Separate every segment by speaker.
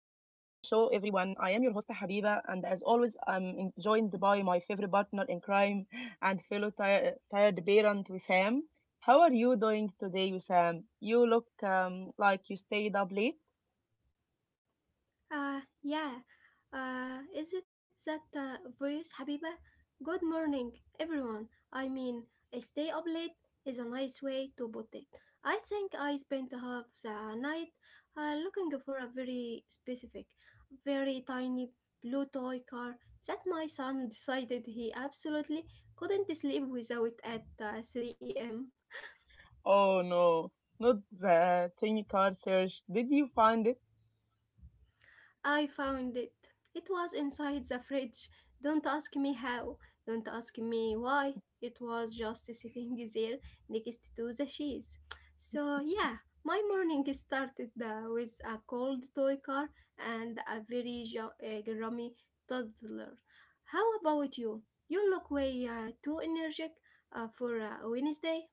Speaker 1: am your host, Habiba, and as always, joined by my favorite partner in crime and fellow tired parent, Wissam. How are you doing today, Wissam? You look like you stayed up late.
Speaker 2: Yeah. Is it that voice, Habiba? Good morning, everyone. I mean, I stay up late is a nice way to put it. I think I spent half the night looking for a very specific, very tiny blue toy car that my son decided he absolutely couldn't sleep without at 3 a.m.
Speaker 1: Oh no, not the tiny car search. Did you find it?
Speaker 2: I found it. It was inside the fridge. Don't ask me how. Don't ask me why. It was just sitting there next to the cheese. So, yeah, my morning started with a cold toy car and a very grummy toddler. How about you? You look way too energetic for Wednesday.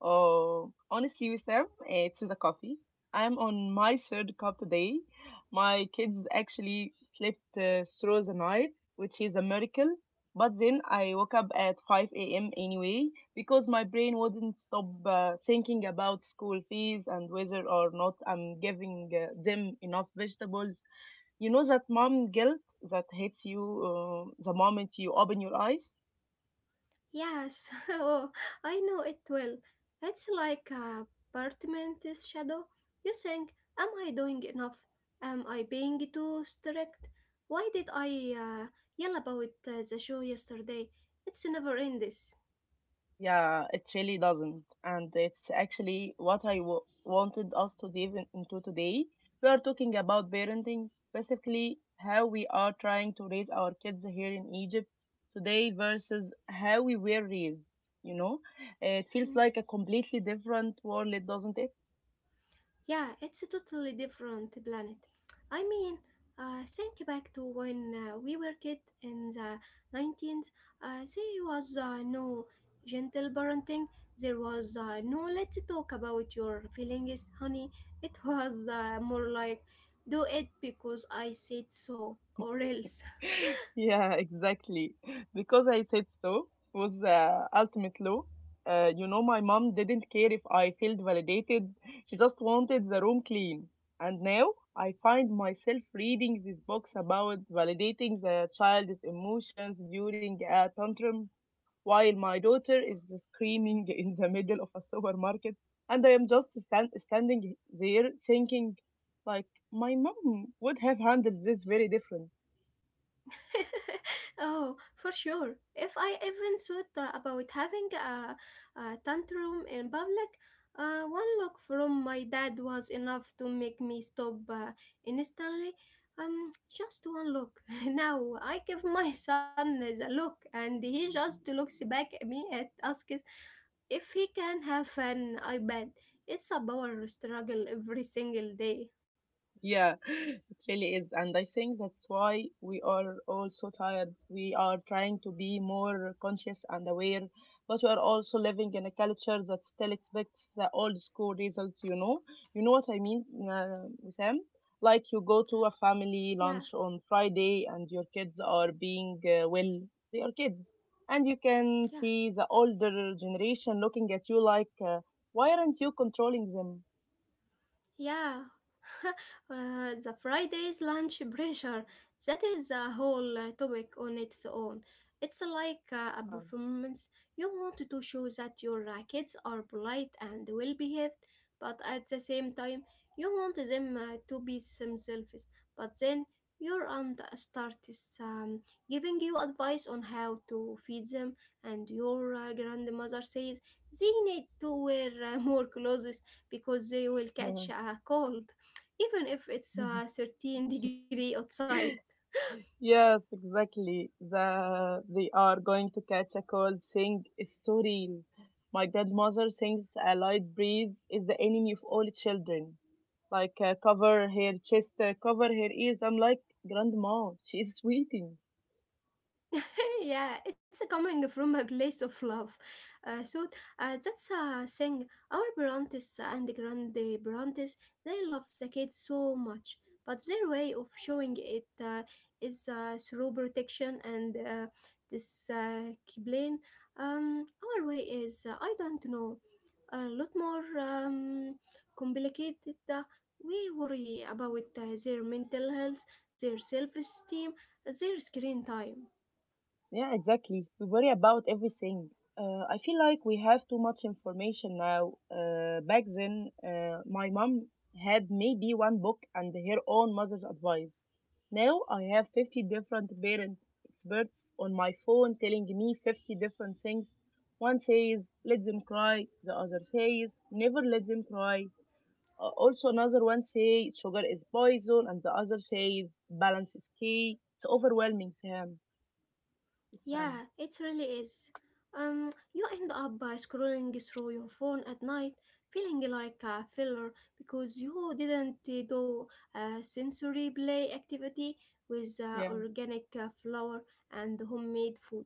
Speaker 1: Oh, honestly, Wissam, it is a coffee. I'm on my third cup today. My kids actually slept through the night, which is a miracle. But then I woke up at 5 a.m. anyway because my brain wouldn't stop thinking about school fees and whether or not I'm giving them enough vegetables. You know that mom guilt that hits you the moment you open your eyes?
Speaker 2: Yes, oh, I know it well. It's like a apartment shadow. You think, am I doing enough? Am I being too strict? Why did I uh, yell about the show yesterday? It's never in this.
Speaker 1: Yeah, it really doesn't. And it's actually what wanted us to dive into today. We are talking about parenting, specifically how we are trying to raise our kids here in Egypt today versus how we were raised. You know, it feels
Speaker 2: Hmm.
Speaker 1: like a completely different world, doesn't it?
Speaker 2: Yeah, it's a totally different planet. I mean, think back to when we were kids in the 19th. There was no gentle parenting. There was no let's talk about your feelings, honey. It was more like do it because I said so or else.
Speaker 1: Yeah, exactly. Because I said so was the ultimate law. You know, my mom didn't care if I felt validated. She just wanted the room clean. And now I find myself reading this books about validating the child's emotions during a tantrum while my daughter is screaming in the middle of a supermarket. And I am just standing there thinking, like, my mom would have handled this very different.
Speaker 2: Oh, for sure. If I even thought about having a tantrum in public, one look from my dad was enough to make me stop instantly. Just one look. Now I give my son the look, and he just looks back at me and asks if he can have an iPad. It's a power struggle every single day.
Speaker 1: Yeah, it really is. And I think that's why we are all so tired. We are trying to be more conscious and aware, but we are also living in a culture that still expects the old school results, you know? You know what I mean, uh, Sam? Like you go to a family
Speaker 2: Yeah,
Speaker 1: lunch on Friday and your kids are being, well, they are kids. And you can
Speaker 2: yeah,
Speaker 1: see the older generation looking at you like, why aren't you controlling them?
Speaker 2: yeah. The Friday's lunch pressure, that is a whole topic on its own. It's like a
Speaker 1: Uh,
Speaker 2: performance. You want to show that your kids are polite and well behaved, but at the same time, you want them to be themselves. But then your aunt starts giving you advice on how to feed them, and your grandmother says they need to wear more clothes because they will catch a cold even if it's
Speaker 1: yeah.
Speaker 2: 13-degree outside.
Speaker 1: Yes, exactly. The they are going to catch a cold thing is so real. My godmother thinks a light breeze is the enemy of all children. Like cover her chest, cover her ears. I'm like, Grandma, she's sweating.
Speaker 2: Yeah, it's coming from a place of love, so that's a thing. Our parents and grande parents, they love the kids so much, but their way of showing it, is through protection and this kiblain. Our way is, I don't know, a lot more complicated. We worry about their mental health, their self esteem, their screen time.
Speaker 1: Yeah, exactly. We worry about everything. I feel like we have too much information now. Back then, my mom had maybe one book and her own mother's advice. Now I have 50 different parent experts on my phone telling me 50 different things. One says, let them cry. The other says, never let them cry. Also, another one says, sugar is poison. And the other says, balance is key. It's overwhelming, Sam.
Speaker 2: Yeah,
Speaker 1: Sam.
Speaker 2: it really is. You end up by scrolling through your phone at night, feeling like a failure because you didn't do a sensory play activity with
Speaker 1: Yeah.
Speaker 2: organic flour and homemade food.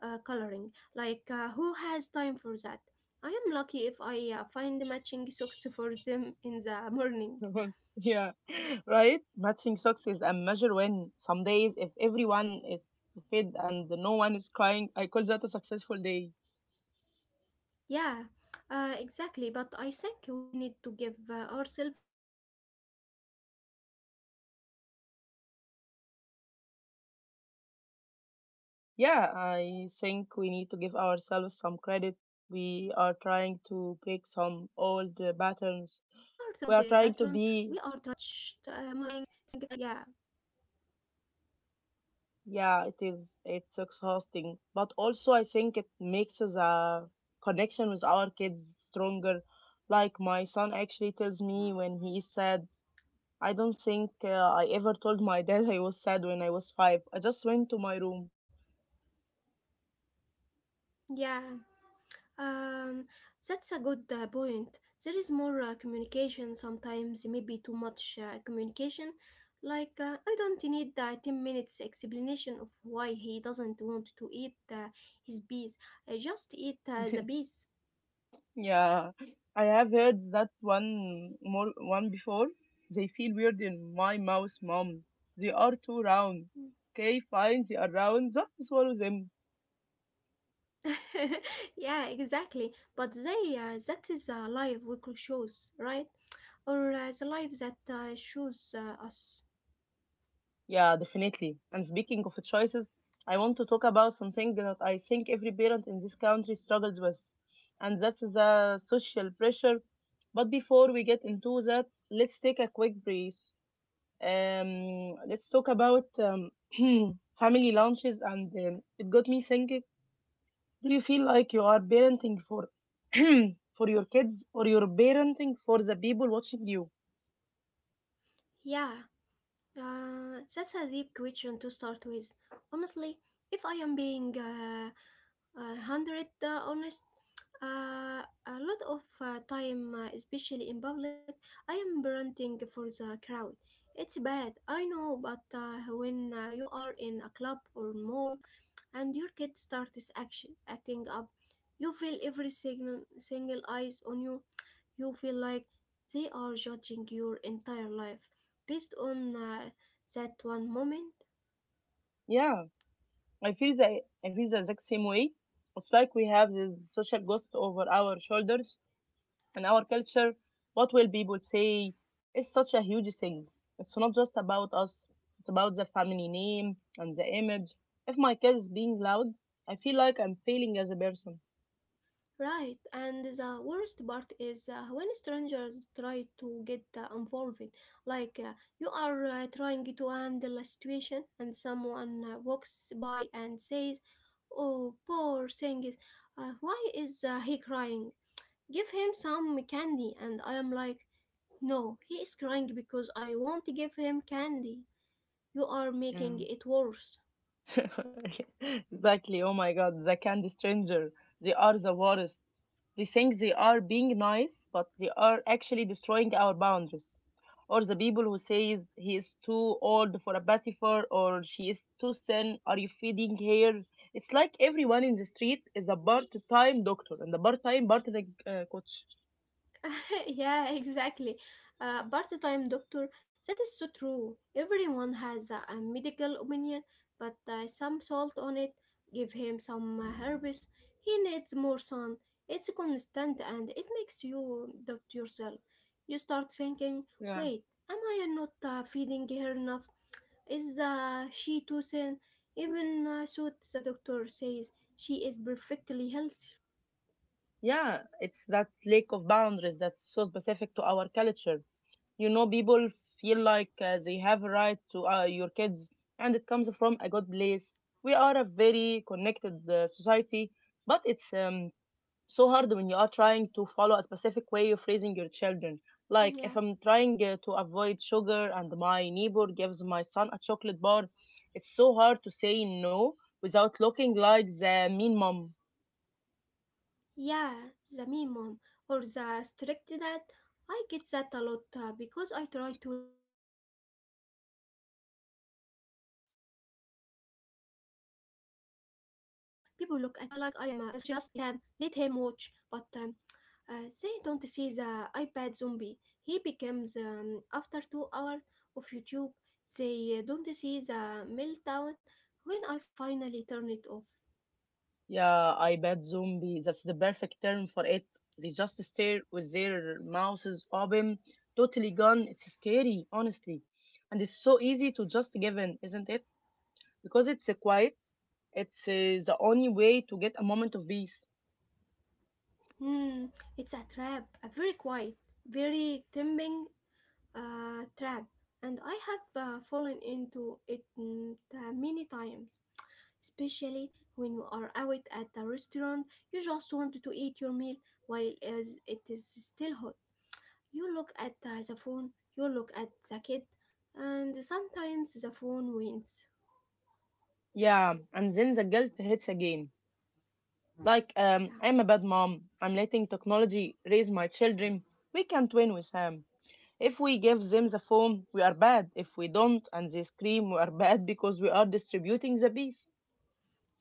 Speaker 2: Coloring. Like, who has time for that? I am lucky if I find matching socks for them in the morning.
Speaker 1: Yeah, right? Matching socks is a measure win. Some days, if everyone is fed and no one is crying, I call that a successful day.
Speaker 2: Yeah, exactly. But I think we need to give ourselves some credit. We are trying to break some old patterns. We are trying to be
Speaker 1: Yeah,
Speaker 2: more
Speaker 1: I
Speaker 2: patient.
Speaker 1: think we need
Speaker 2: It's a
Speaker 1: to give
Speaker 2: hard work.
Speaker 1: ourselves some
Speaker 2: It's
Speaker 1: credit.
Speaker 2: much
Speaker 1: We
Speaker 2: uh,
Speaker 1: are trying
Speaker 2: mu- much
Speaker 1: to
Speaker 2: uh,
Speaker 1: break
Speaker 2: harder
Speaker 1: some
Speaker 2: than
Speaker 1: old uh,
Speaker 2: just
Speaker 1: patterns. We are
Speaker 2: saying
Speaker 1: trying to be,
Speaker 2: no and walking away. Yeah.
Speaker 1: yeah, it is, it's exhausting. But also, I think it makes us a connection with our kids stronger. Like my son actually tells me when he is sad. I don't think I ever told my dad I was sad when I was five. I just went to my room.
Speaker 2: Yeah, um, that's a good point. There is more communication sometimes, maybe too much communication. Like, I don't need 10 minutes explanation of why he doesn't want to eat his bees. I just eat the bees.
Speaker 1: Yeah, I have heard that one before. They feel weird in my mouth, mom. They are too round. Okay, fine, they are round. Just swallow them.
Speaker 2: Yeah, exactly. But they, that is a live we could choose, right? Or the life that shows us.
Speaker 1: Yeah, definitely. And speaking of choices, I want to talk about something that I think every parent in this country struggles with, and that's the social pressure. But before we get into that, let's take a quick breath. Let's talk about family lunches, and it got me thinking. Do you feel like you are parenting for for your kids, or you're parenting for the people watching you?
Speaker 2: Yeah. That's a deep question to start with. Honestly, if I am being hundred honest, a lot of time, especially in public, I am parenting for the crowd. It's bad, I know, but when you are in a club or mall and your kid starts acting up, you feel every single eyes on you. You feel like they are judging your entire life based on that one moment.
Speaker 1: Yeah, I feel the exact same way. It's like we have this social ghost over our shoulders in our culture. What will people say is such a huge thing. It's not just about us. It's about the family name and the image. If my kid is being loud, I feel like I'm failing as a person.
Speaker 2: Right, and the worst part is when strangers try to get involved. Like you are trying to handle a situation, and someone walks by and says, "Oh, poor thing, why is he crying? Give him some candy." And I am like, "No, he is crying because I won't give him candy. You are
Speaker 1: Yeah.
Speaker 2: making it worse."
Speaker 1: Exactly. Oh my god, the candy stranger, they are the worst. They think they are being nice, but they are actually destroying our boundaries. Or the people who says he is too old for a bathifur or she is too thin, are you feeding her? It's like everyone in the street is a part-time doctor and a part-time coach.
Speaker 2: Yeah, exactly. Part time doctor, that is so true. Everyone has a medical opinion, but some salt on it. Give him some herbs. He needs more sun. It's constant and it makes you doubt yourself. You start thinking,
Speaker 1: Yeah.
Speaker 2: wait, am I not feeding her enough? Is she too thin? Even so, the doctor says she is perfectly healthy.
Speaker 1: Yeah, it's that lack of boundaries that's so specific to our culture. You know, people feel like they have a right to your kids, and it comes from a good place. We are a very connected society, but it's so hard when you are trying to follow a specific way of raising your children. Like if I'm
Speaker 2: Yeah.
Speaker 1: trying to avoid sugar and my neighbor gives my son a chocolate bar, it's so hard to say no without looking like the mean mom.
Speaker 2: Yeah, the mean mom or the strict dad. I get that a lot because I try to limit screen time. People look at me like I am a monster. It's just a cartoon. We Sam, let him watch, but they don't see the iPad zombie. He becomes after 2 hours of YouTube. They don't see the meltdown when I finally turn it off.
Speaker 1: Yeah, I bet zombie. That's the perfect term for it. They just stare with their mouths open, totally gone. It's scary, honestly. And it's so easy to just give in, isn't it? Because it's quiet. It's the only way to get a moment of peace.
Speaker 2: Hmm, it's a trap, a very quiet, very tempting trap, and I have fallen into it many times. Especially when you are out at a restaurant, you just want to eat your meal while it is still hot. You look at the phone, you look at the kid, and sometimes the phone wins.
Speaker 1: Yeah, and then the guilt hits again. Like,
Speaker 2: Yeah,
Speaker 1: I'm a bad mom. I'm letting technology raise my children. We can't win with them. If we give them the phone, we are bad. If we don't and they scream, we are bad because we are distributing the peace.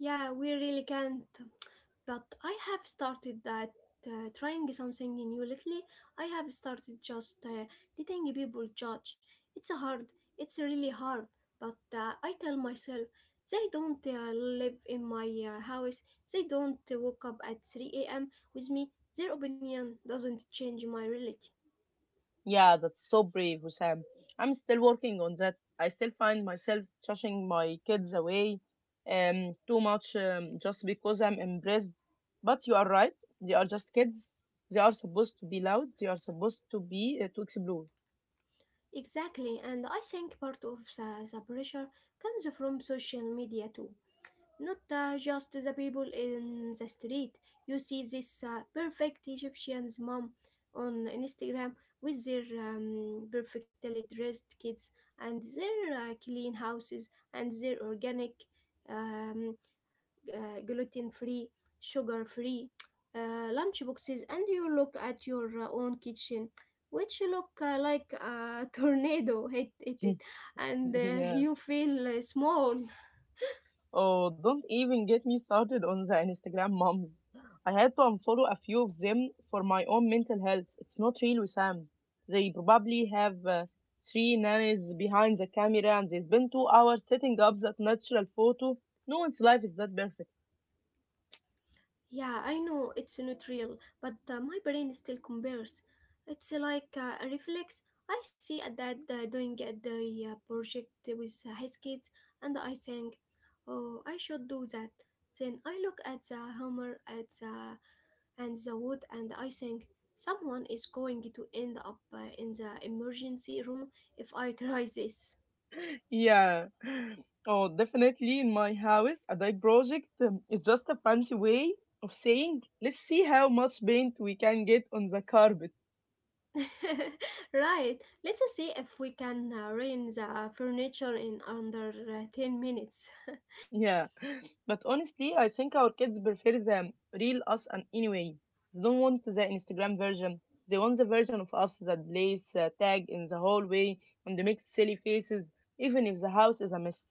Speaker 2: yeah, we really can't. But I have started that trying something new lately. I have started just letting people judge. It's hard. It's really hard. But I tell myself they don't live in my house. They don't wake up at 3 a.m. with me. Their opinion doesn't change my reality.
Speaker 1: Yeah, that's so brave, Hussam. I'm still working on that. I still find myself shushing my kids away too much just because I'm embarrassed. But you are right. They are just kids. They are supposed to be loud. They are supposed to be to explore.
Speaker 2: Exactly, and I think part of the pressure comes from social media too. Not just the people in the street. You see this perfect Egyptian's mom on Instagram with their perfectly dressed kids and their clean houses and their organic, um, gluten free, sugar free lunch boxes. And you look at your own kitchen. Which look like a tornado hit it, and
Speaker 1: Yeah.
Speaker 2: you feel small.
Speaker 1: Oh, don't even get me started on the Instagram moms. I had to unfollow a few of them for my own mental health. It's not real, Wissam. They probably have three nannies behind the camera and they spend 2 hours setting up that natural photo. No one's life is that perfect.
Speaker 2: Yeah, I know it's not real, but my brain still compares. It's like a reflex. I see a dad doing at the project with his kids, and I think, oh, I should do that. Then I look at the hammer at the, and the wood, and I think, someone is going to end up in the emergency room if I try this.
Speaker 1: Yeah. Oh, definitely in my house, a dye project is just a fancy way of saying, let's see how much paint we can get on the carpet.
Speaker 2: Right, let's see if we can rain the furniture in under 10 minutes.
Speaker 1: Yeah, but honestly, I think our kids prefer the real us and anyway. They don't want the Instagram version. They want the version of us that plays tag in the hallway and makes silly faces, even if the house is a mess.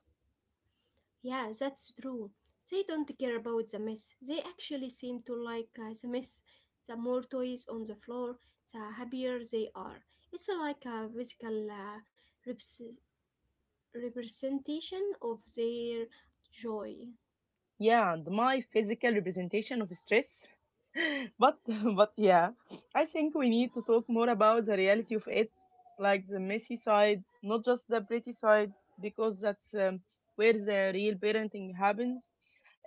Speaker 2: Yeah, that's true. They don't care about the mess. They actually seem to like the mess. The more toys on the floor, the happier they are. It's like a physical reps- representation of their joy.
Speaker 1: Yeah, and my physical representation of stress. but but yeah, I think we need to talk more about the reality of it, like the messy side, not just the pretty side, because that's where the real parenting happens.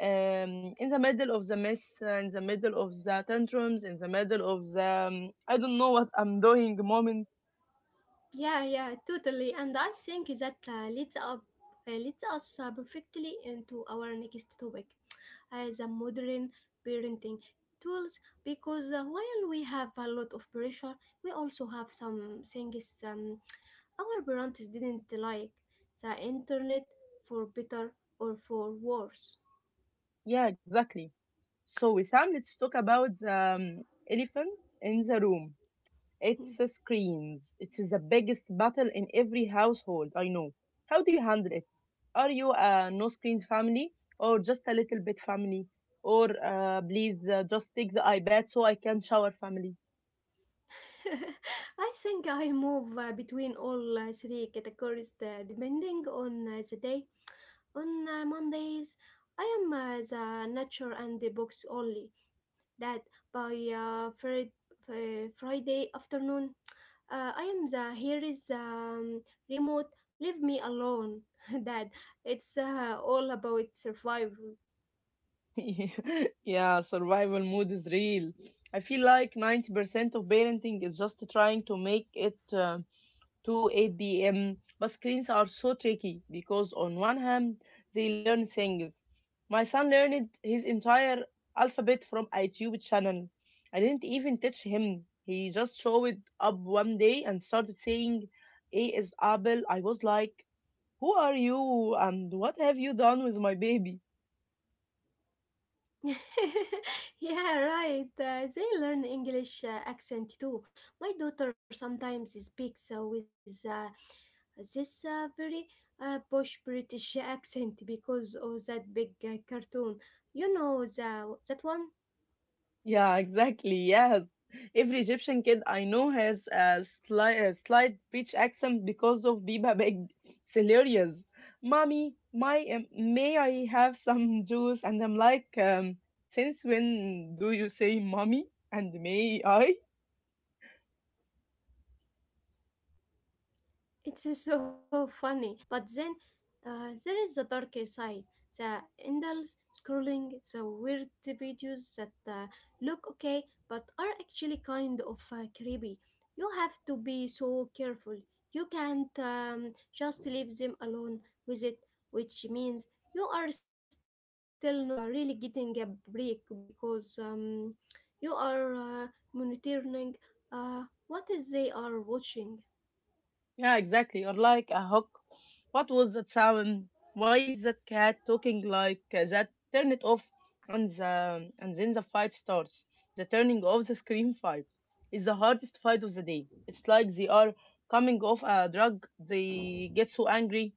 Speaker 1: In the middle of the mess, in the middle of the tantrums, in the middle of the I don't know what I'm doing moment.
Speaker 2: Yeah, yeah, totally. And I think that leads us perfectly into our next topic, as a modern parenting tools. Because while we have a lot of pressure, we also have some things our parents didn't like the internet for better or for worse.
Speaker 1: Yeah, exactly. So, Wissam, let's talk about the elephant in the room. It's the screens. It is the biggest battle in every household, I know. How do you handle it? Are you a no screens family or just a little bit family? Or please just take the iPad so I can shower family?
Speaker 2: I think I move between all three categories depending on the day. On Mondays, I am the nature and the books only. That by Friday afternoon, I am the here is remote. Leave me alone. That it's all about survival.
Speaker 1: Yeah, survival mode is real. I feel like 90% of parenting is just trying to make it to 8 p.m. But screens are so tricky because, on one hand, they learn things. My son learned his entire alphabet from a YouTube channel. I didn't even teach him. He just showed up one day and started saying, A is apple. I was like, who are you and what have you done with my baby?
Speaker 2: Yeah, right. They learn English accent too. My daughter sometimes speaks with a this very posh British accent because of that big cartoon. You know the, that one?
Speaker 1: Yeah, exactly. Yes. Every Egyptian kid I know has a slight British accent because of Biba Big. It's hilarious. Mommy, my, may I have some juice? And I'm like, since when do you say mommy and may I?
Speaker 2: It's so funny. But then there is the dark side, the endless scrolling, the weird videos that look okay but are actually kind of creepy. You have to be so careful. You can't just leave them alone with it, which means you are still not really getting a break because you are monitoring uh, what is they are watching.
Speaker 1: Yeah, exactly. Or like a hook. What was that sound? Why is that cat talking like that? Turn it off, and then the fight starts. The turning off the screen fight is the hardest fight of the day. It's like they are coming off a drug. They get so angry.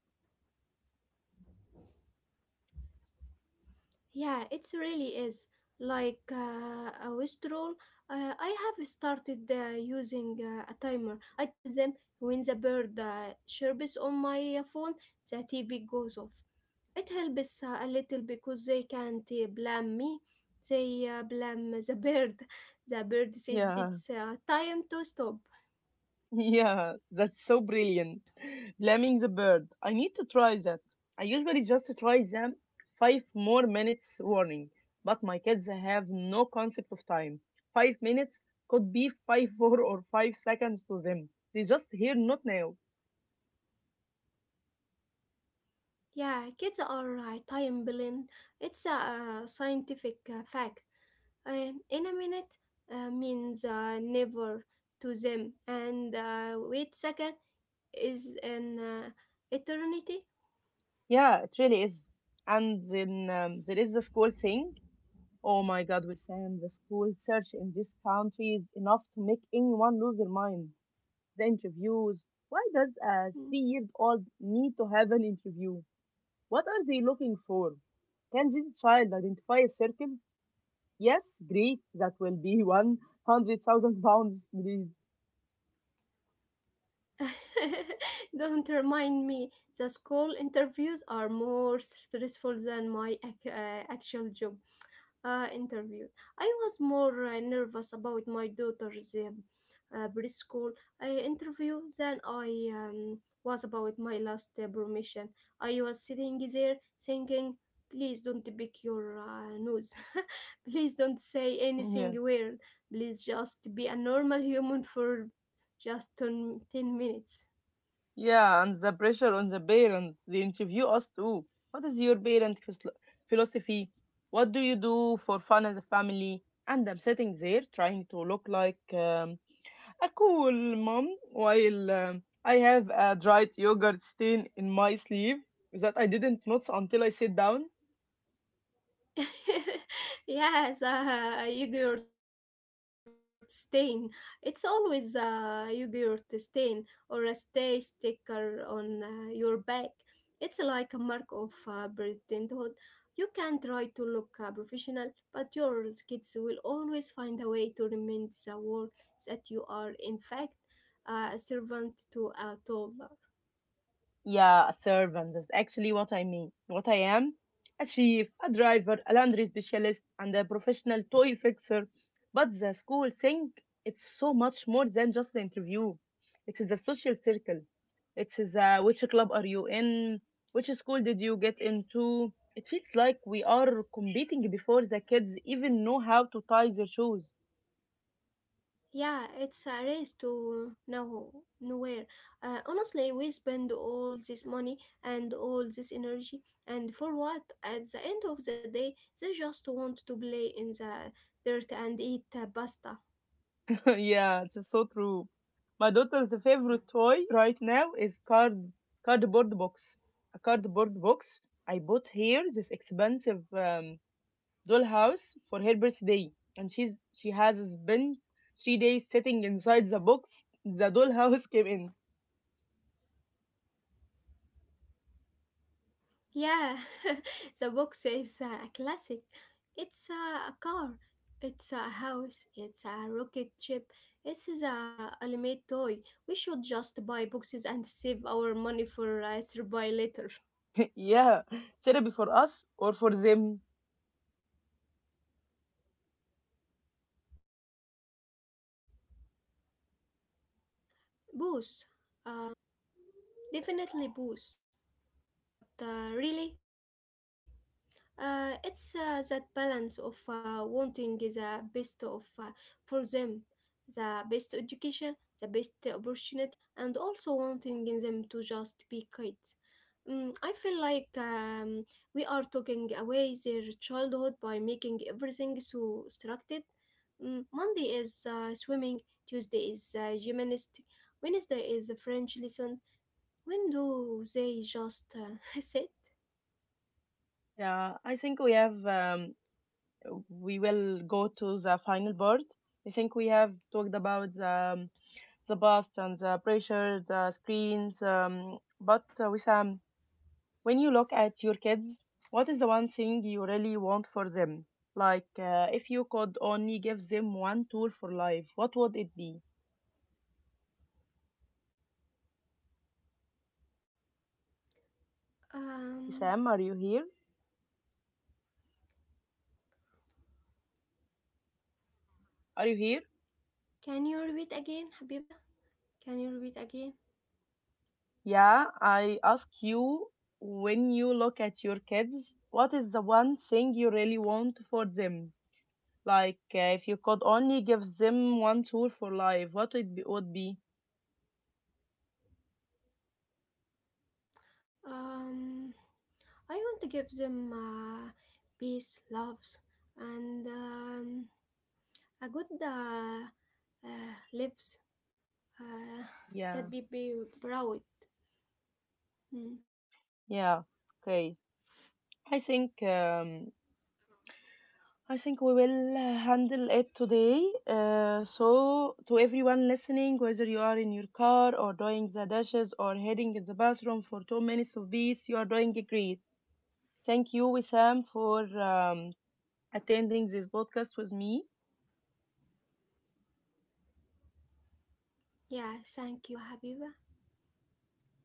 Speaker 2: Yeah, it really is. Like a withdrawal, I have started using a timer. I tell them when the bird chirps on my phone, the TV goes off. It helps a little because they can't blame me. They blame the bird. The bird said
Speaker 1: Yeah.
Speaker 2: it's time to stop.
Speaker 1: Yeah, that's so brilliant. Blaming the bird. I need to try that. I usually just try them five more minutes warning, but my kids have no concept of time. 5 minutes could be five 4 or 5 seconds to them. They just hear not now.
Speaker 2: Yeah, kids are time blind. It's a scientific fact. In a minute means never to them, and wait second is an eternity.
Speaker 1: Yeah, it really is. And then there is the school thing. Oh my God, we're saying the school search in this country is enough to make anyone lose their mind. The interviews. Why does a
Speaker 2: Mm.
Speaker 1: three-year-old need to have an interview? What are they looking for? Can this child identify a circle? Yes, great. That will be 100,000 pounds, please.
Speaker 2: Don't remind me. The school interviews are more stressful than my actual job. Interviews. I was more nervous about my daughter's preschool interview than I was about my last promotion. I was sitting there thinking, please don't pick your nose. Please don't say
Speaker 1: Yeah,
Speaker 2: anything weird. Please just be a normal human for just ten minutes.
Speaker 1: yeah, and the pressure on the parent. They interview us too. What is your parent philosophy? What do you do for fun as a family? And I'm sitting there trying to look like a cool mom, while I have a dried yogurt stain in my sleeve that I didn't notice until I sat down.
Speaker 2: Yes, a yogurt stain. It's always a yogurt stain or a stay sticker on your back. It's like a mark of parenthood. You can try to look professional, but your kids will always find a way to remind the world that you are, in fact, a servant to a tool.
Speaker 1: Yeah, a servant. That's actually what I mean. What I am: a chief, a driver, a laundry specialist, and a professional toy fixer. But the school thing, it's so much more than just the interview. It's the social circle. It's the which club are you in? Which school did you get into? It feels like we are competing before the kids even know how to tie their shoes.
Speaker 2: Yeah, it's a race to nowhere. Honestly, we spend all this money and all this energy, and for what? At the end of the day, they just want to play in the dirt and eat pasta.
Speaker 1: Yeah, it's so true. My daughter's favorite toy right now is cardboard box. A cardboard box. I bought here this expensive dollhouse for her birthday, and she has spent 3 days sitting inside the box the dollhouse came in.
Speaker 2: Yeah, the box is a classic. It's a car, it's a house, it's a rocket ship, it's a ultimate toy. We should just buy boxes and save our money for a survival later.
Speaker 1: Yeah, therapy for us or for them.
Speaker 2: Booze. Um Definitely booze. But really, it's that balance of wanting the best of for them, the best education, the best opportunities, and also wanting them to just be kids. I feel like we are taking away their childhood by making everything so structured. Monday is swimming, Tuesday is gymnastics, Wednesday is French lessons, when do they just sit?
Speaker 1: Yeah, I think we have we will go to the final board. I think we have talked about the bust and the pressure, the screens. But Wissam, when you look at your kids, what is the one thing you really want for them? Like, if you could only give them one tool for life, what would it be?
Speaker 2: Um,
Speaker 1: Wissam, are you here? Are you here?
Speaker 2: can you repeat again, Habiba? Can you repeat again?
Speaker 1: Yeah, I ask you, when you look at your kids, what is the one thing you really want for them? Like, if you could only give them one tool for life, would be?
Speaker 2: Um, I want to give them peace, love, and a good lives uh,
Speaker 1: Yeah,
Speaker 2: that be proud. Mm.
Speaker 1: yeah, okay. I think um, I think we will handle it today. So, to everyone listening, whether you are in your car or doing the dishes or heading in the bathroom for 2 minutes of peace, you are doing great. Thank you, Wissam, for attending this podcast with me.
Speaker 2: Yeah, thank you, Habiba.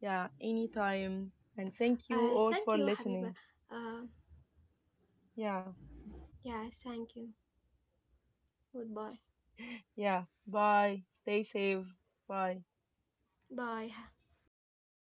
Speaker 1: Yeah, anytime. And thank you all
Speaker 2: Thank
Speaker 1: for
Speaker 2: you, Habiba.
Speaker 1: listening.
Speaker 2: Um,
Speaker 1: Yeah,
Speaker 2: yeah, thank you. Goodbye.
Speaker 1: yeah. Bye. Stay safe. Bye.
Speaker 2: Bye. Bye.